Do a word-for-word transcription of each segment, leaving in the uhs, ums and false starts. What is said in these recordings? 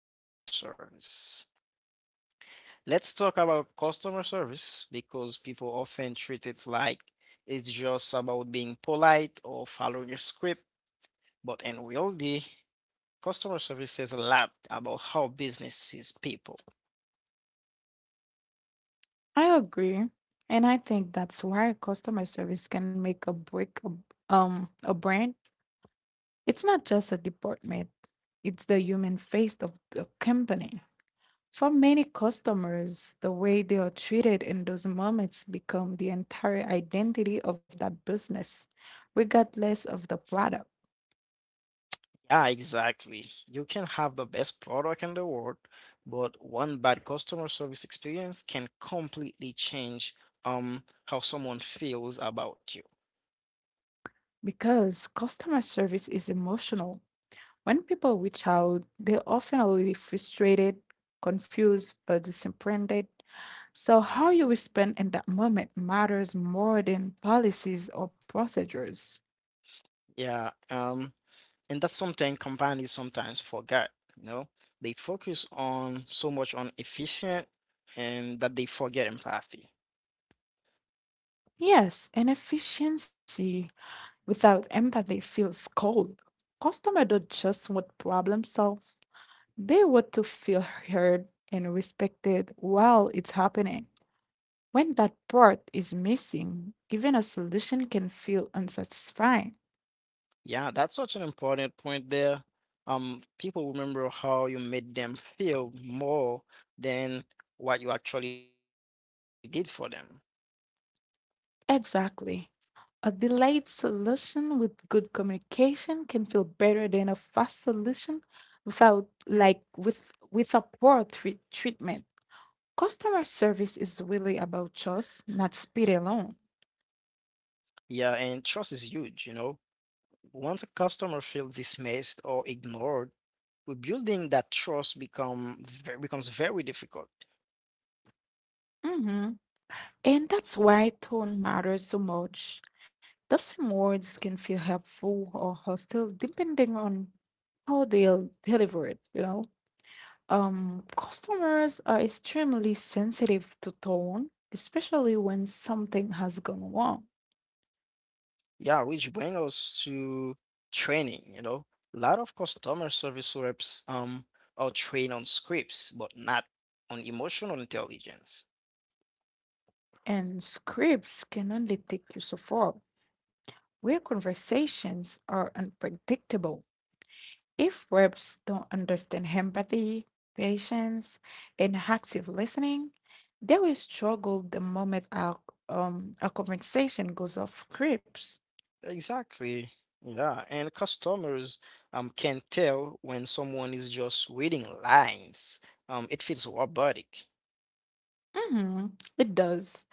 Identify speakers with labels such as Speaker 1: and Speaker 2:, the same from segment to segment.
Speaker 1: customer service. Let's talk about customer service because people often treat it like it's just about being polite or following a script. But in reality, customer service says a lot about how business sees people.
Speaker 2: I agree. And I think that's why customer service can make a break a, um a brand. It's not just a department, it's the human face of the company. For many customers, the way they are treated in those moments become the entire identity of that business, regardless of the product.
Speaker 1: Yeah, exactly. You can have the best product in the world, but one bad customer service experience can completely change um how someone feels about you.
Speaker 2: Because customer service is emotional. When people reach out, they often will be frustrated, confused, or disappointed. So, how you respond in that moment matters more than policies or procedures.
Speaker 1: Yeah, um, and that's something companies sometimes forget, you know? They focus on so much on efficient and that they forget empathy.
Speaker 2: Yes, and efficiency without empathy feels cold. Customers don't just want problem solved, they want to feel heard and respected while it's happening. When that part is missing, even a solution can feel unsatisfying.
Speaker 1: Yeah, that's such an important point there. Um, people remember how you made them feel more than what you actually did for them.
Speaker 2: Exactly. A delayed solution with good communication can feel better than a fast solution without like with with a poor treat, treatment. Customer service is really about choice, not speed alone.
Speaker 1: Yeah, and trust is huge, you know. Once a customer feels dismissed or ignored, rebuilding that trust become ve- becomes very difficult.
Speaker 2: hmm And that's why tone matters so much. The same words can feel helpful or hostile depending on how they're delivered, you know? Um, customers are extremely sensitive to tone, especially when something has gone wrong.
Speaker 1: Yeah, which brings us to training, you know. A lot of customer service reps um are trained on scripts, but not on emotional intelligence.
Speaker 2: And scripts can only take you so far. Real conversations are unpredictable. If reps don't understand empathy, patience, and active listening, they will struggle the moment our um our conversation goes off script.
Speaker 1: Exactly. Yeah, and customers um can tell when someone is just reading lines. Um, it feels robotic.
Speaker 2: hmm It does.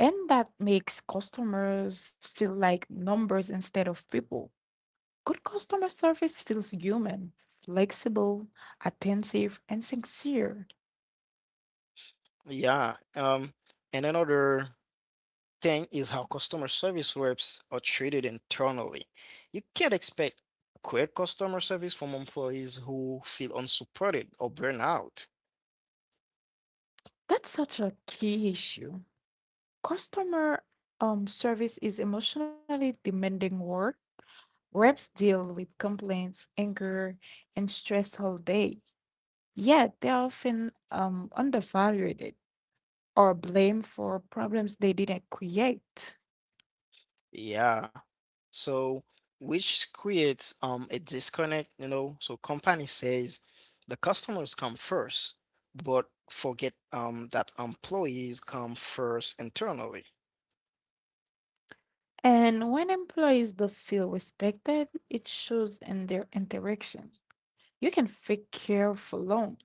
Speaker 2: And that makes customers feel like numbers instead of people. Good customer service feels human, flexible, attentive, and sincere.
Speaker 1: Yeah. Um, and another thing is how customer service reps are treated internally. You can't expect great customer service from employees who feel unsupported or burn out.
Speaker 2: That's such a key issue. Customer um, Service is emotionally demanding work. Reps deal with complaints, anger, and stress all day, yet they're often um, undervalued or blamed for problems they didn't create.
Speaker 1: Yeah. So, which creates um a disconnect, you know. So company says the customers come first, but forget um that employees come first internally.
Speaker 2: And when employees don't feel respected, it shows in their interaction. You can fake care for long.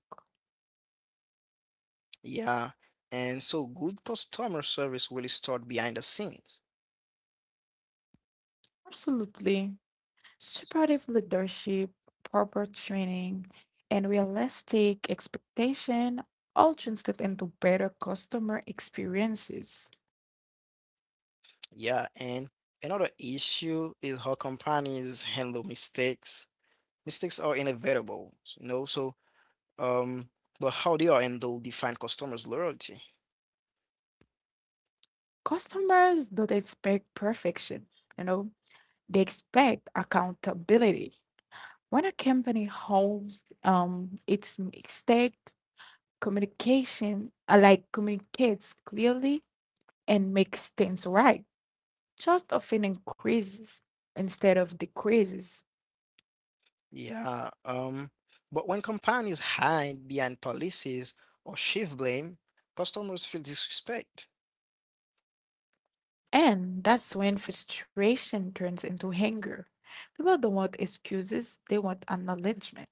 Speaker 1: Yeah, and so good customer service will start behind the scenes.
Speaker 2: Absolutely. Supportive leadership, proper training, and realistic expectation all translate into better customer experiences.
Speaker 1: Yeah, and another issue is how companies handle mistakes. Mistakes are inevitable, you know, so um but how they are handled define customers' loyalty.
Speaker 2: Customers don't expect perfection, you know, they expect accountability. When a company holds um, its mistake communication, uh, like communicates clearly and makes things right, trust often increases instead of decreases.
Speaker 1: Yeah, um but when companies hide behind policies or shift blame, customers feel disrespect.
Speaker 2: And that's when frustration turns into anger. People don't want excuses, they want acknowledgement.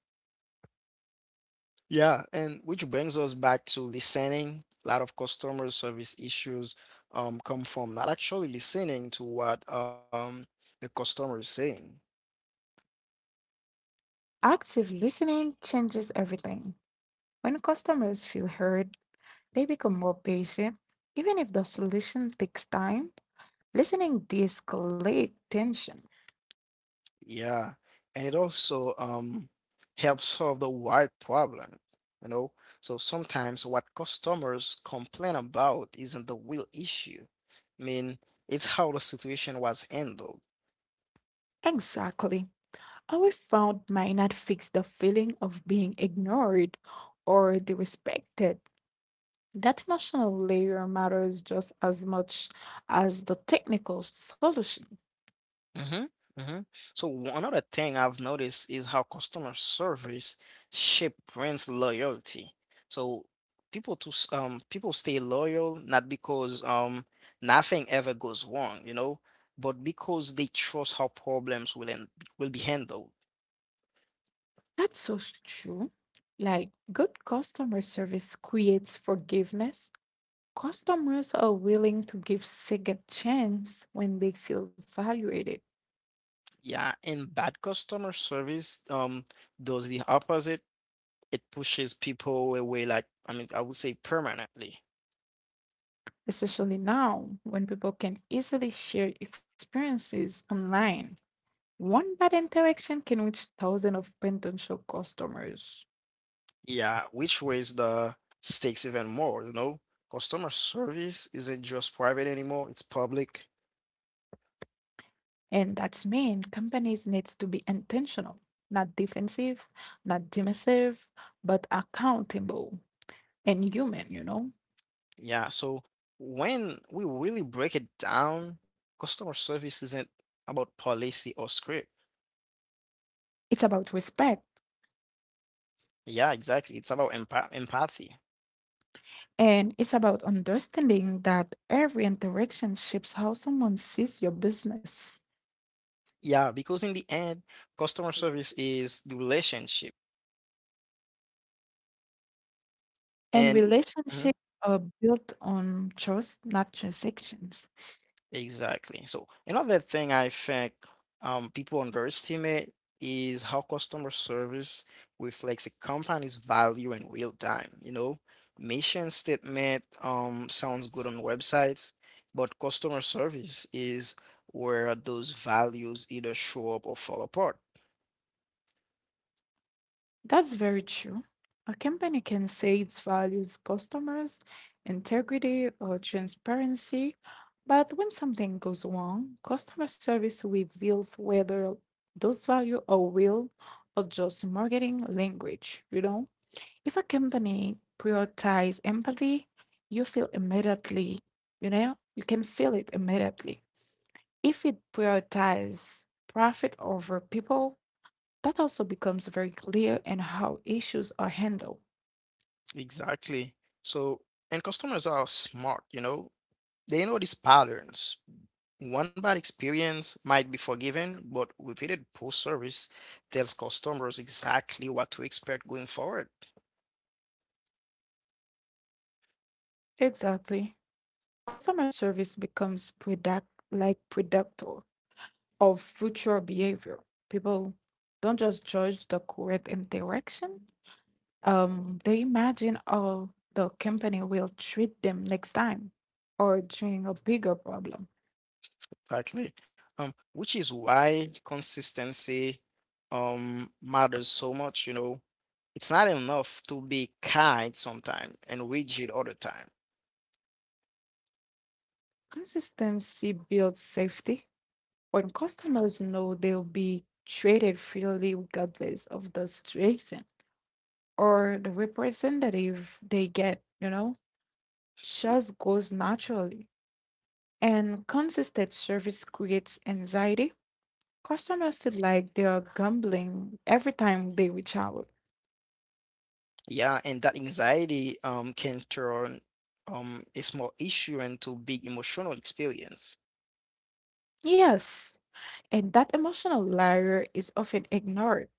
Speaker 1: Yeah, and which brings us back to listening. A lot of customer service issues um come from not actually listening to what um the customer is saying.
Speaker 2: Active listening changes everything. When customers feel heard, they become more patient, even if the solution takes time. Listening de-escalate tension.
Speaker 1: Yeah, and it also um helps solve the wide problem, you know. So sometimes what customers complain about isn't the real issue. I mean, it's how the situation was handled.
Speaker 2: Exactly. Our found might not fix the feeling of being ignored or disrespected. That emotional layer matters just as much as the technical solution.
Speaker 1: Mm-hmm. Mm-hmm. So one other thing I've noticed is how customer service shape brands loyalty. So people to s- um people stay loyal not because um nothing ever goes wrong, you know, but because they trust how problems will end, will be handled.
Speaker 2: That's so true. Like good customer service creates forgiveness. Customers are willing to give second chance when they feel valued.
Speaker 1: Yeah, and bad customer service um does the opposite. It pushes people away like I mean I would say permanently.
Speaker 2: Especially now when people can easily share experiences online. One bad interaction can reach thousands of potential customers.
Speaker 1: Yeah, which raise the stakes even more, you know? Customer service isn't just private anymore, it's public.
Speaker 2: And that's mean companies need to be intentional, not defensive, not dismissive, but accountable and human, you know?
Speaker 1: Yeah, so when we really break it down, customer service isn't about policy or script.
Speaker 2: It's about respect,
Speaker 1: Yeah, exactly. It's about empath empathy.
Speaker 2: and it's about understanding that every interaction shapes how someone sees your business.
Speaker 1: Yeah, because in the end, customer service is the relationship.
Speaker 2: And
Speaker 1: And hmm,
Speaker 2: relationships are built on trust, not transactions.
Speaker 1: Exactly. So another thing I think um, people underestimate is how customer service reflects a company's value in real time. You know, mission statement um, sounds good on websites, but customer service is where those values either show up or fall apart.
Speaker 2: That's very true. A company can say it values customers, integrity, or transparency, but when something goes wrong, customer service reveals whether those values are real or just marketing language, you know? If a company prioritizes empathy, you feel immediately, you know? You can feel it immediately. If it prioritizes profit over people, that also becomes very clear in how issues are handled.
Speaker 1: Exactly. So, and customers are smart, you know, they know these patterns. One bad experience might be forgiven, but repeated poor service tells customers exactly what to expect going forward.
Speaker 2: Exactly. Customer service becomes product like predictor of future behavior. People don't just judge the correct interaction. Um, they imagine how the company will treat them next time or during a bigger problem.
Speaker 1: Exactly. Um, which is why consistency um matters so much, you know. It's not enough to be kind sometimes and rigid all the time.
Speaker 2: Consistency builds safety. When customers know they'll be treated fairly regardless of the situation or the representative they get, you know? Just goes naturally. And consistent service creates anxiety. Customers feel like they are gambling every time they reach out.
Speaker 1: Yeah, and that anxiety um can turn um a small issue into big emotional experience.
Speaker 2: Yes, and that emotional layer is often ignored.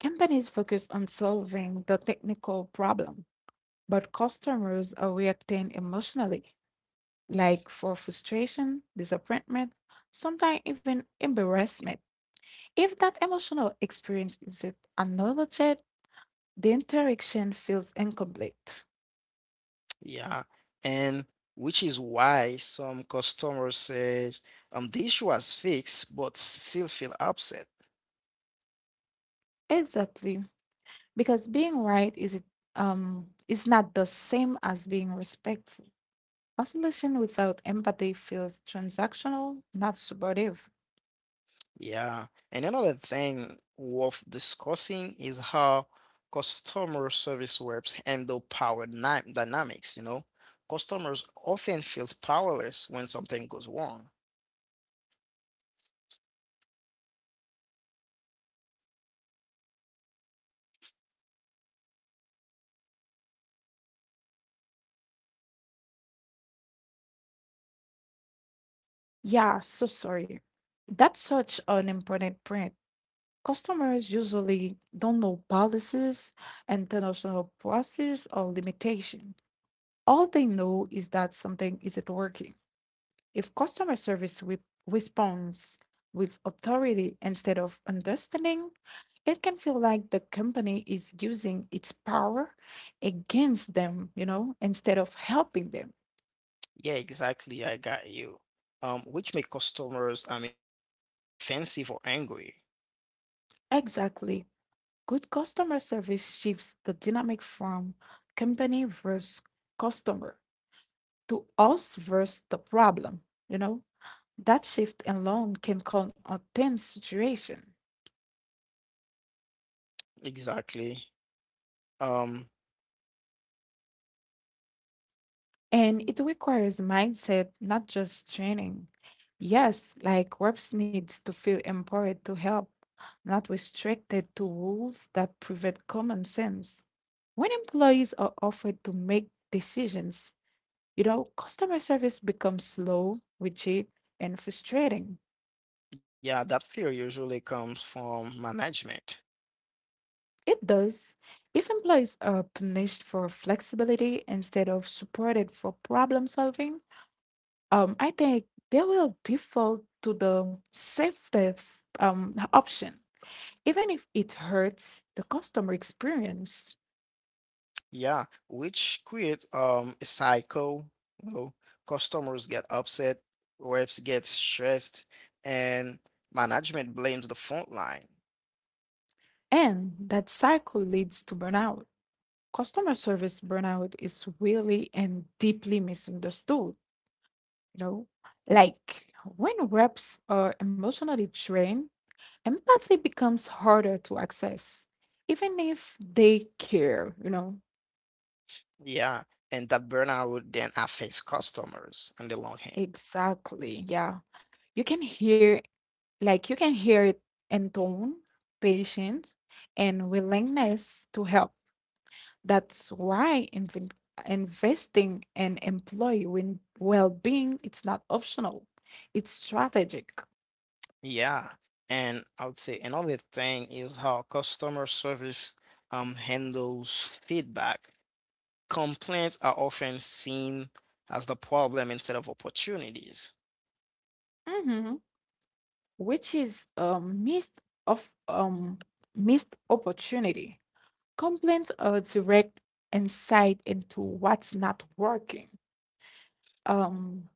Speaker 2: Companies focus on solving the technical problem, but customers are reacting emotionally, like for frustration, disappointment, sometimes even embarrassment. If that emotional experience is it acknowledged, the interaction feels incomplete.
Speaker 1: Yeah. And which is why some customers says um the issue was fixed but still feel upset.
Speaker 2: Exactly. Because being right is it um is not the same as being respectful. Isolation without empathy feels transactional, not supportive.
Speaker 1: Yeah, and another thing worth discussing is how customer service reps handle power dy- dynamics, you know. Customers often feels powerless when something goes wrong.
Speaker 2: Yeah, so sorry. That's such an important point. Customers usually don't know policies, international process, or limitation. All they know is that something isn't working. If customer service re- responds with authority instead of understanding, it can feel like the company is using its power against them, you know, instead of helping them.
Speaker 1: Yeah, exactly. I got you. Um, which make customers, I mean, defensive or angry.
Speaker 2: Exactly. Good customer service shifts the dynamic from company versus customer to us versus the problem, you know. That shift alone can calm a tense situation.
Speaker 1: Exactly. Um,
Speaker 2: And it requires mindset, not just training. Yes, like reps needs to feel empowered to help, not restricted to rules that prevent common sense. When employees are offered to make decisions, you know, customer service becomes slow, rigid, and frustrating.
Speaker 1: yeah, that fear usually comes from management.
Speaker 2: It does. If employees are punished for flexibility instead of supported for problem solving, um, I think they will default to the safest um, option, even if it hurts the customer experience.
Speaker 1: Yeah, which creates um a cycle. You know, customers get upset, reps get stressed, and management blames the front line.
Speaker 2: And that cycle leads to burnout. Customer service burnout is really and deeply misunderstood, you know? Like when reps are emotionally drained, empathy becomes harder to access, even if they care, you know?
Speaker 1: Yeah, and that burnout then affects customers in the long hand.
Speaker 2: Exactly, yeah, you can hear Like you can hear it in tone, patience, and willingness to help. That's why inv- investing in employee win- well-being it's not optional. It's strategic.
Speaker 1: Yeah, and I would say another thing is how customer service um handles feedback. Complaints are often seen as the problem instead of opportunities.
Speaker 2: Mhm. Which is a missed of um missed opportunity. Complaints are direct insight into what's not working. Um,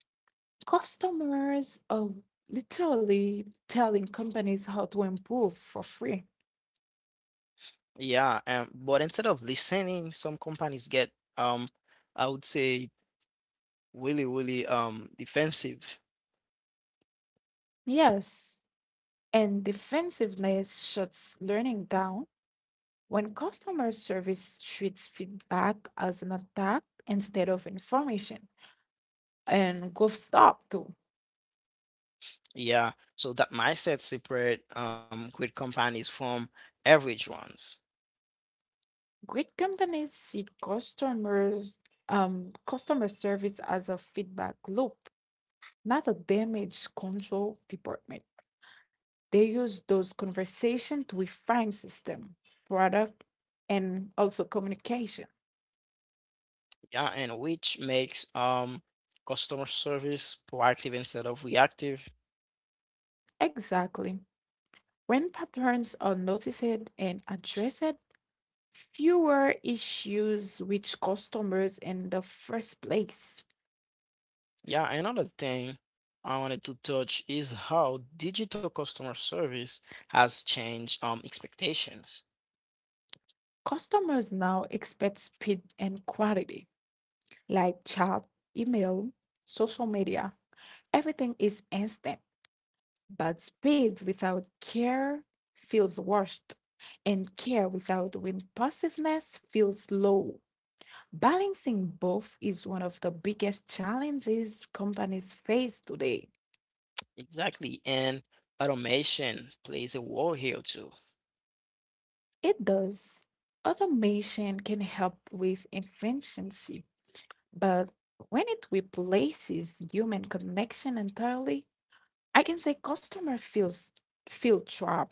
Speaker 2: Customers are literally telling companies how to improve for free.
Speaker 1: Yeah, um, but instead of listening, some companies get um, I would say really, really um defensive.
Speaker 2: Yes. And defensiveness shuts learning down. When customer service treats feedback as an attack instead of information, and growth stop too.
Speaker 1: Yeah, so that mindset separate um great companies from average ones.
Speaker 2: Great companies see customers um customer service as a feedback loop, not a damage control department. They use those conversation to refine system, product, and also communication.
Speaker 1: Yeah, and which makes um customer service proactive instead of reactive.
Speaker 2: Exactly. When patterns are noticed and addressed, fewer issues reach customers in the first place.
Speaker 1: Yeah, another thing I wanted to touch is how digital customer service has changed um expectations.
Speaker 2: Customers now expect speed and quality, like chat, email, social media. Everything is instant. But speed without care feels rushed, and care without impulsiveness feels slow. Balancing both is one of the biggest challenges companies face today.
Speaker 1: Exactly, and automation plays a role here too.
Speaker 2: It does. Automation can help with efficiency, but when it replaces human connection entirely, I can say customer feels feel trapped.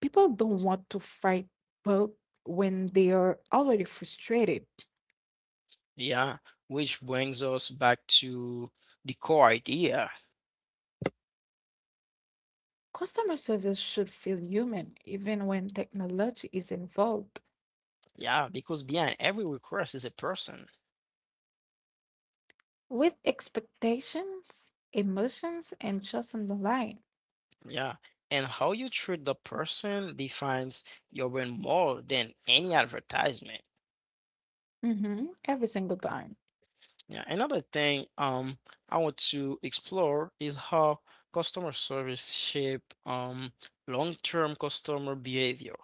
Speaker 2: People don't want to fight back when they are already frustrated.
Speaker 1: Yeah, which brings us back to the core idea.
Speaker 2: Customer service should feel human even when technology is involved,
Speaker 1: Yeah, because behind every request is a person.
Speaker 2: with expectations, emotions, and trust on the line.
Speaker 1: Yeah, and how you treat the person defines your brand more than any advertisement.
Speaker 2: Hmm every single time.
Speaker 1: Yeah, another thing um I want to explore is how customer service shape um long-term customer behavior.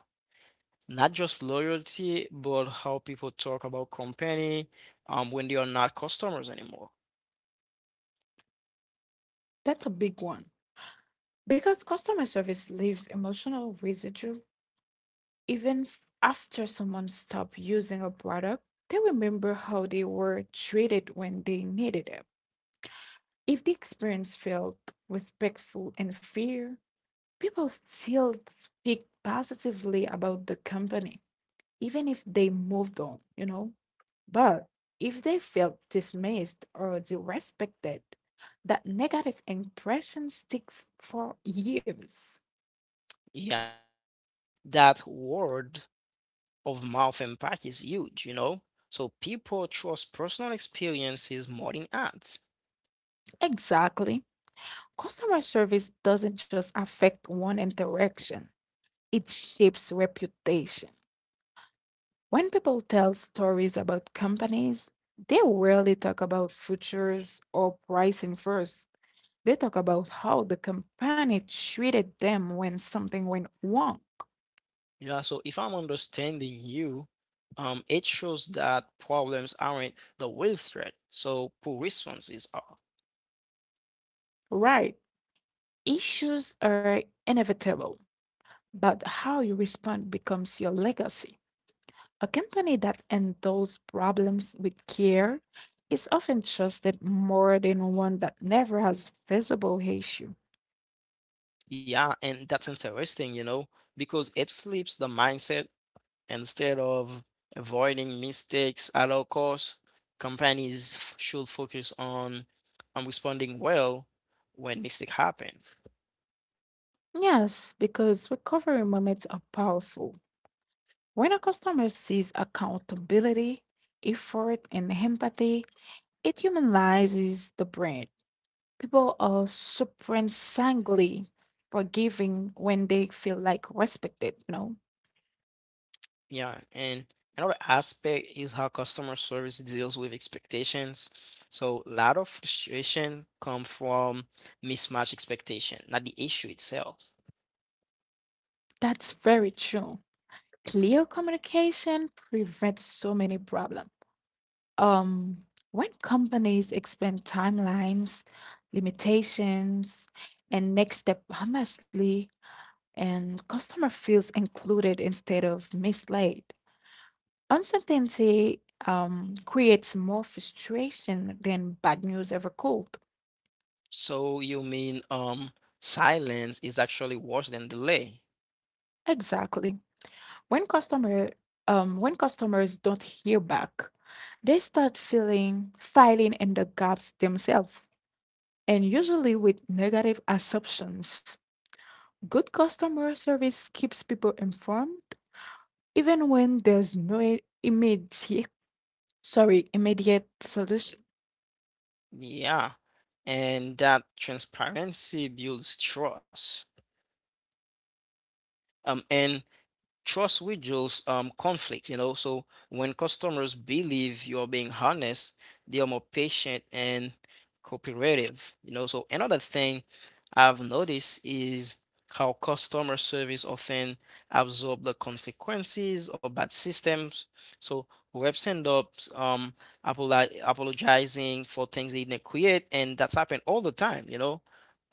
Speaker 1: Not just loyalty, but how people talk about company um when they are not customers anymore.
Speaker 2: That's a big one. Because customer service leaves emotional residue even f- after someone stops using a product, they remember how they were treated when they needed it. If the experience felt respectful and fair, people still speak positively about the company, even if they moved on, you know? But if they felt dismissed or disrespected, that negative impression sticks for years.
Speaker 1: Yeah, and that word of mouth impact is huge, you know? So people trust personal experiences more than ads.
Speaker 2: Exactly. Customer service doesn't just affect one interaction, it shapes reputation. When people tell stories about companies, they rarely talk about futures or pricing first. They talk about how the company treated them when something went wrong.
Speaker 1: Yeah, so if I'm understanding you, um, it shows that problems aren't the real threat, so poor responses are.
Speaker 2: Right. Issues are inevitable, but how you respond becomes your legacy. A company that handles problems with care is often trusted more than one that never has visible issue.
Speaker 1: Yeah, and that's interesting, you know, because it flips the mindset instead of avoiding mistakes at all costs, companies f- should focus on on responding well when mistakes happen.
Speaker 2: Yes, because recovery moments are powerful. When a customer sees accountability, effort, and empathy, it humanizes the brand. People are surprisingly forgiving when they feel like respected, you know?
Speaker 1: Yeah, and another aspect is how customer service deals with expectations. So a lot of frustration come from mismatched expectation, not the issue itself.
Speaker 2: That's very true. Clear communication prevents so many problems. Um, when companies expand timelines, limitations, and next step honestly, and customer feels included instead of misled. Uncertainty um, creates more frustration than bad news ever could.
Speaker 1: So you mean um silence is actually worse than delay.
Speaker 2: Exactly. When customer um, when customers don't hear back, they start feeling filing in the gaps themselves, and usually with negative assumptions. Good customer service keeps people informed even when there's no i- immediate sorry immediate solution.
Speaker 1: Yeah. And that transparency builds trust. Um and trust withdraws um, conflict, you know. So when customers believe you're being honest, they are more patient and cooperative, you know. So another thing I've noticed is how customer service often absorb the consequences of bad systems. So reps end up um, apoli- apologizing for things they didn't create, and that's happened all the time, you know.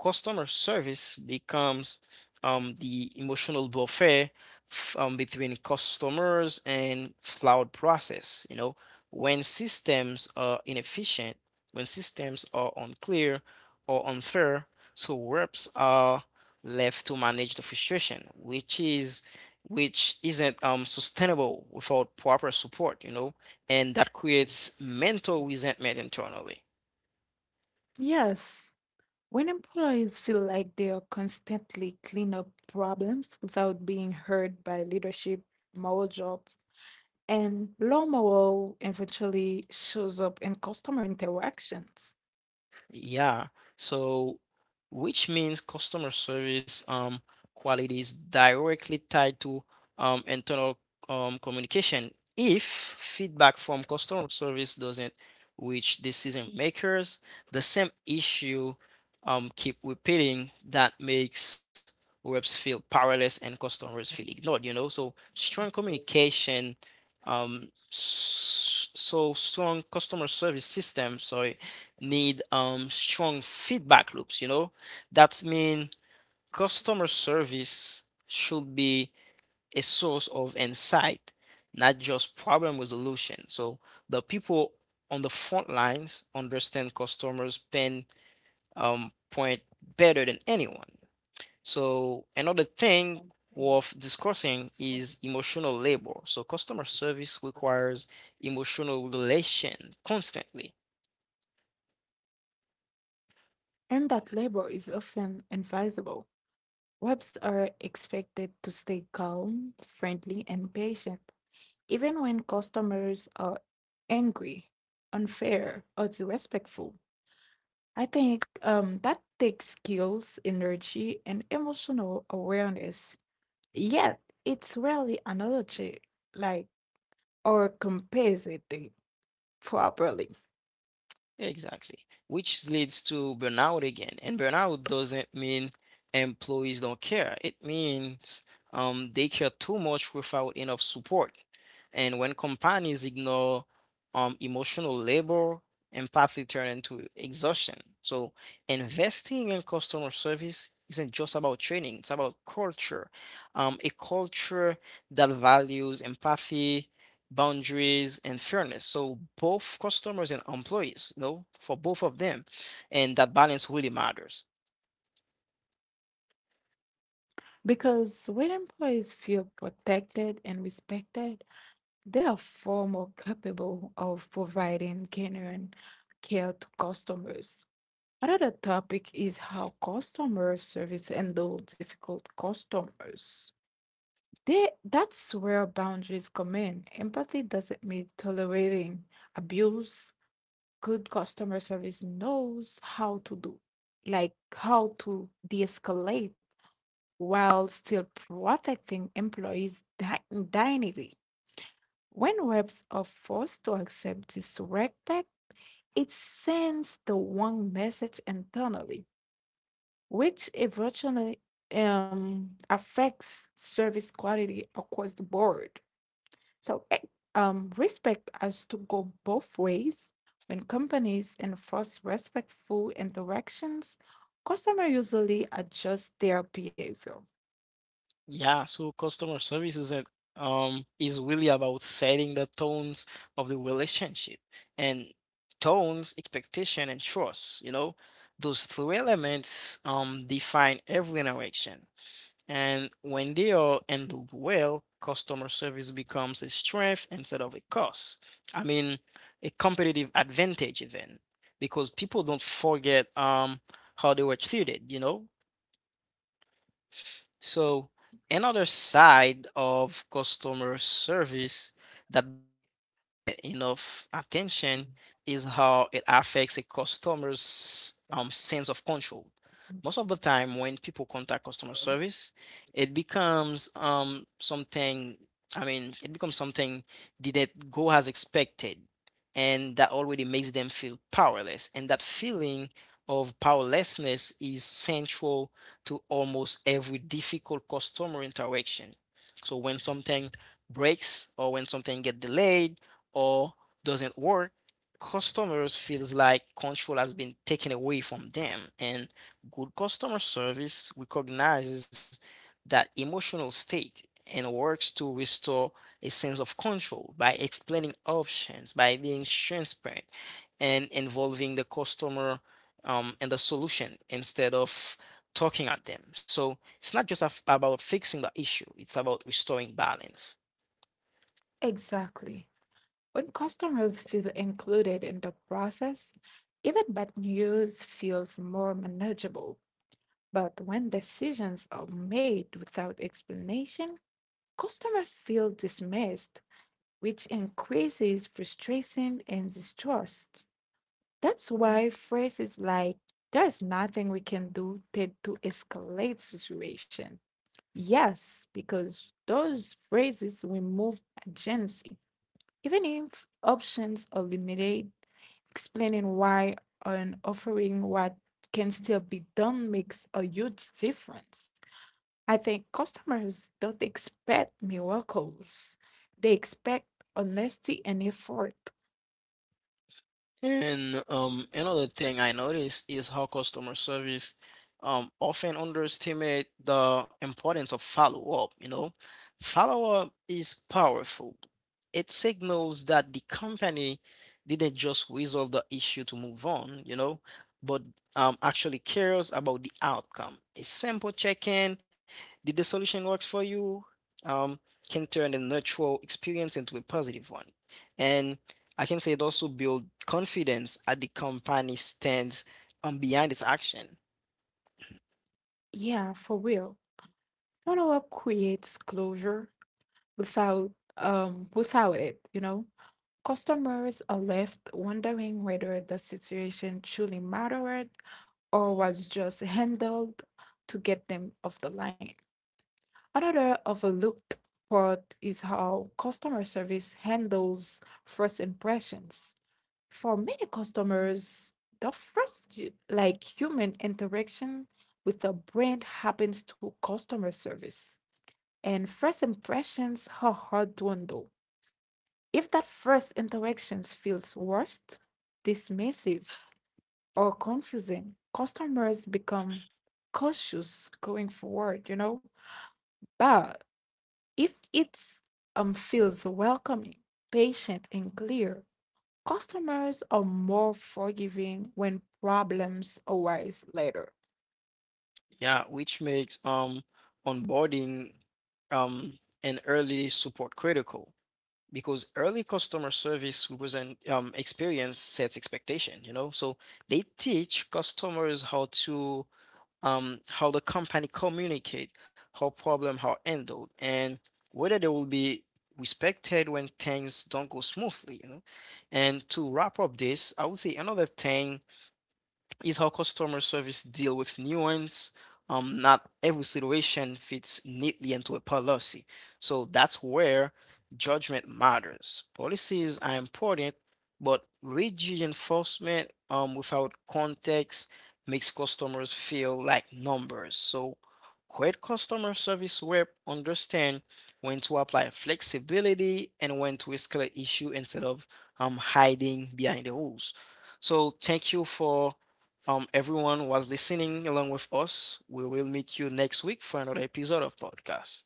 Speaker 1: Customer service becomes um, the emotional buffet f- um, between customers and cloud process. You know, when systems are inefficient, when systems are unclear or unfair, so reps are left to manage the frustration, which is which isn't um, sustainable without proper support. You know, and that creates mental resentment internally.
Speaker 2: Yes. When employees feel like they are constantly clean up problems without being heard by leadership, moral jobs, and low morale eventually shows up in customer interactions.
Speaker 1: Yeah. So, which means customer service um quality is directly tied to um internal um communication. If feedback from customer service doesn't reach decision makers, the same issue um keep repeating that makes reps feel powerless and customers feel ignored, you know? So, strong communication um s- so strong customer service system, sorry need um strong feedback loops, you know? That means customer service should be a source of insight, not just problem resolution. So the people on the front lines understand customers' pain um, point better than anyone. So another thing worth discussing is emotional labor. So customer service requires emotional relation constantly.
Speaker 2: And that labor is often advisable. Reps are expected to stay calm, friendly, and patient, even when customers are angry, unfair, or disrespectful. I think um, that takes skills, energy, and emotional awareness. Yet, it's rarely analogy, like, or compensated properly.
Speaker 1: Exactly. Which leads to burnout again. And burnout doesn't mean employees don't care. It means um, they care too much without enough support. And when companies ignore um, emotional labor, empathy turn into exhaustion. So investing in customer service isn't just about training, it's about culture. Um, a culture that values empathy, boundaries and fairness. So both customers and employees, you know, for both of them, and that balance really matters.
Speaker 2: Because when employees feel protected and respected, they are far more capable of providing genuine care to customers. Another topic is how customer service handle difficult customers. They, that's where boundaries come in. Empathy doesn't mean tolerating abuse. Good customer service knows how to do, like how to de escalate while still protecting employees' di- dignity. When reps are forced to accept this respect, it sends the wrong message internally, which eventually um, affects service quality across the board. So, eh, um, respect has to go both ways. When companies enforce respectful interactions, customers usually adjust their behavior.
Speaker 1: Yeah, so customer service isn't um is really about setting the tones of the relationship and tones, expectation, and trust. You know, those three elements um define every interaction. And when they are handled well, customer service becomes a strength instead of a cost. I mean, a competitive advantage even, because people don't forget um how they were treated, you know? So another
Speaker 2: s-
Speaker 1: side of customer service that doesn't get enough attention is how it affects a customer's um sense of control most of the time when people contact customer service, it becomes um something, I mean, it becomes something didn't go as expected, and that already makes them feel powerless. And that feeling of powerlessness is central to almost every difficult customer interaction. So when something breaks or when something get delayed or doesn't work, customers feels like control has been taken away from them and good customer service recognizes that emotional state and works to restore a sense of control by explaining options, by being transparent, and involving the customer um, in the solution instead of talking at them. So it's not just af- about fixing the issue, it's about restoring balance.
Speaker 2: Exactly. When customers feel included in the process, even bad news feels more manageable. But when decisions are made without explanation, customers feel dismissed, which increases frustration and distrust. That's why phrases like, there's nothing we can do tend to escalate situation. Yes, because those phrases remove agency. Even if options are limited, explaining why and offering what can still be done makes a huge difference. I think customers don't expect miracles. They expect honesty and effort.
Speaker 1: And um, another thing I noticed is how customer service um, often underestimate the importance of follow-up, you know. Follow-up is powerful. It signals that the company didn't just resolve the issue to move on, you know, but um, actually cares about the outcome. A simple check-in, did the solution works for you? Um, can turn a neutral experience into a positive one. And I can say it also builds confidence at the company stands um, behind its action.
Speaker 2: Yeah, for real. Follow-up creates closure without um without it, you know. Customers are left wondering whether the situation truly mattered or was just handled to get them off the line. Another overlooked part is how customer service handles first impressions. For many customers, the first hu- like human interaction with a brand happens to customer service. And first impressions are hard to undo. If that first interaction feels worst, dismissive, or confusing, customers become cautious going forward, you know? But if it um, feels welcoming, patient, and clear, customers are more forgiving when problems arise later.
Speaker 1: Yeah, which makes um onboarding um and early support critical because early customer service represent um experience sets expectation, you know. So they teach customers how to um, how the company communicate, how problem are handled, and whether they will be respected when things don't go smoothly, you know. And to wrap up this, I would say another thing is how customer service deal with nuance. Um, not every situation fits neatly into a policy. So that's where judgment matters. Policies are important, but rigid enforcement um, without context makes customers feel like numbers. So great customer service rep understand when to apply flexibility and when to escalate issue instead of um, hiding behind the rules. So thank you for um, everyone was listening along with us. We will meet you next week for another episode of podcast.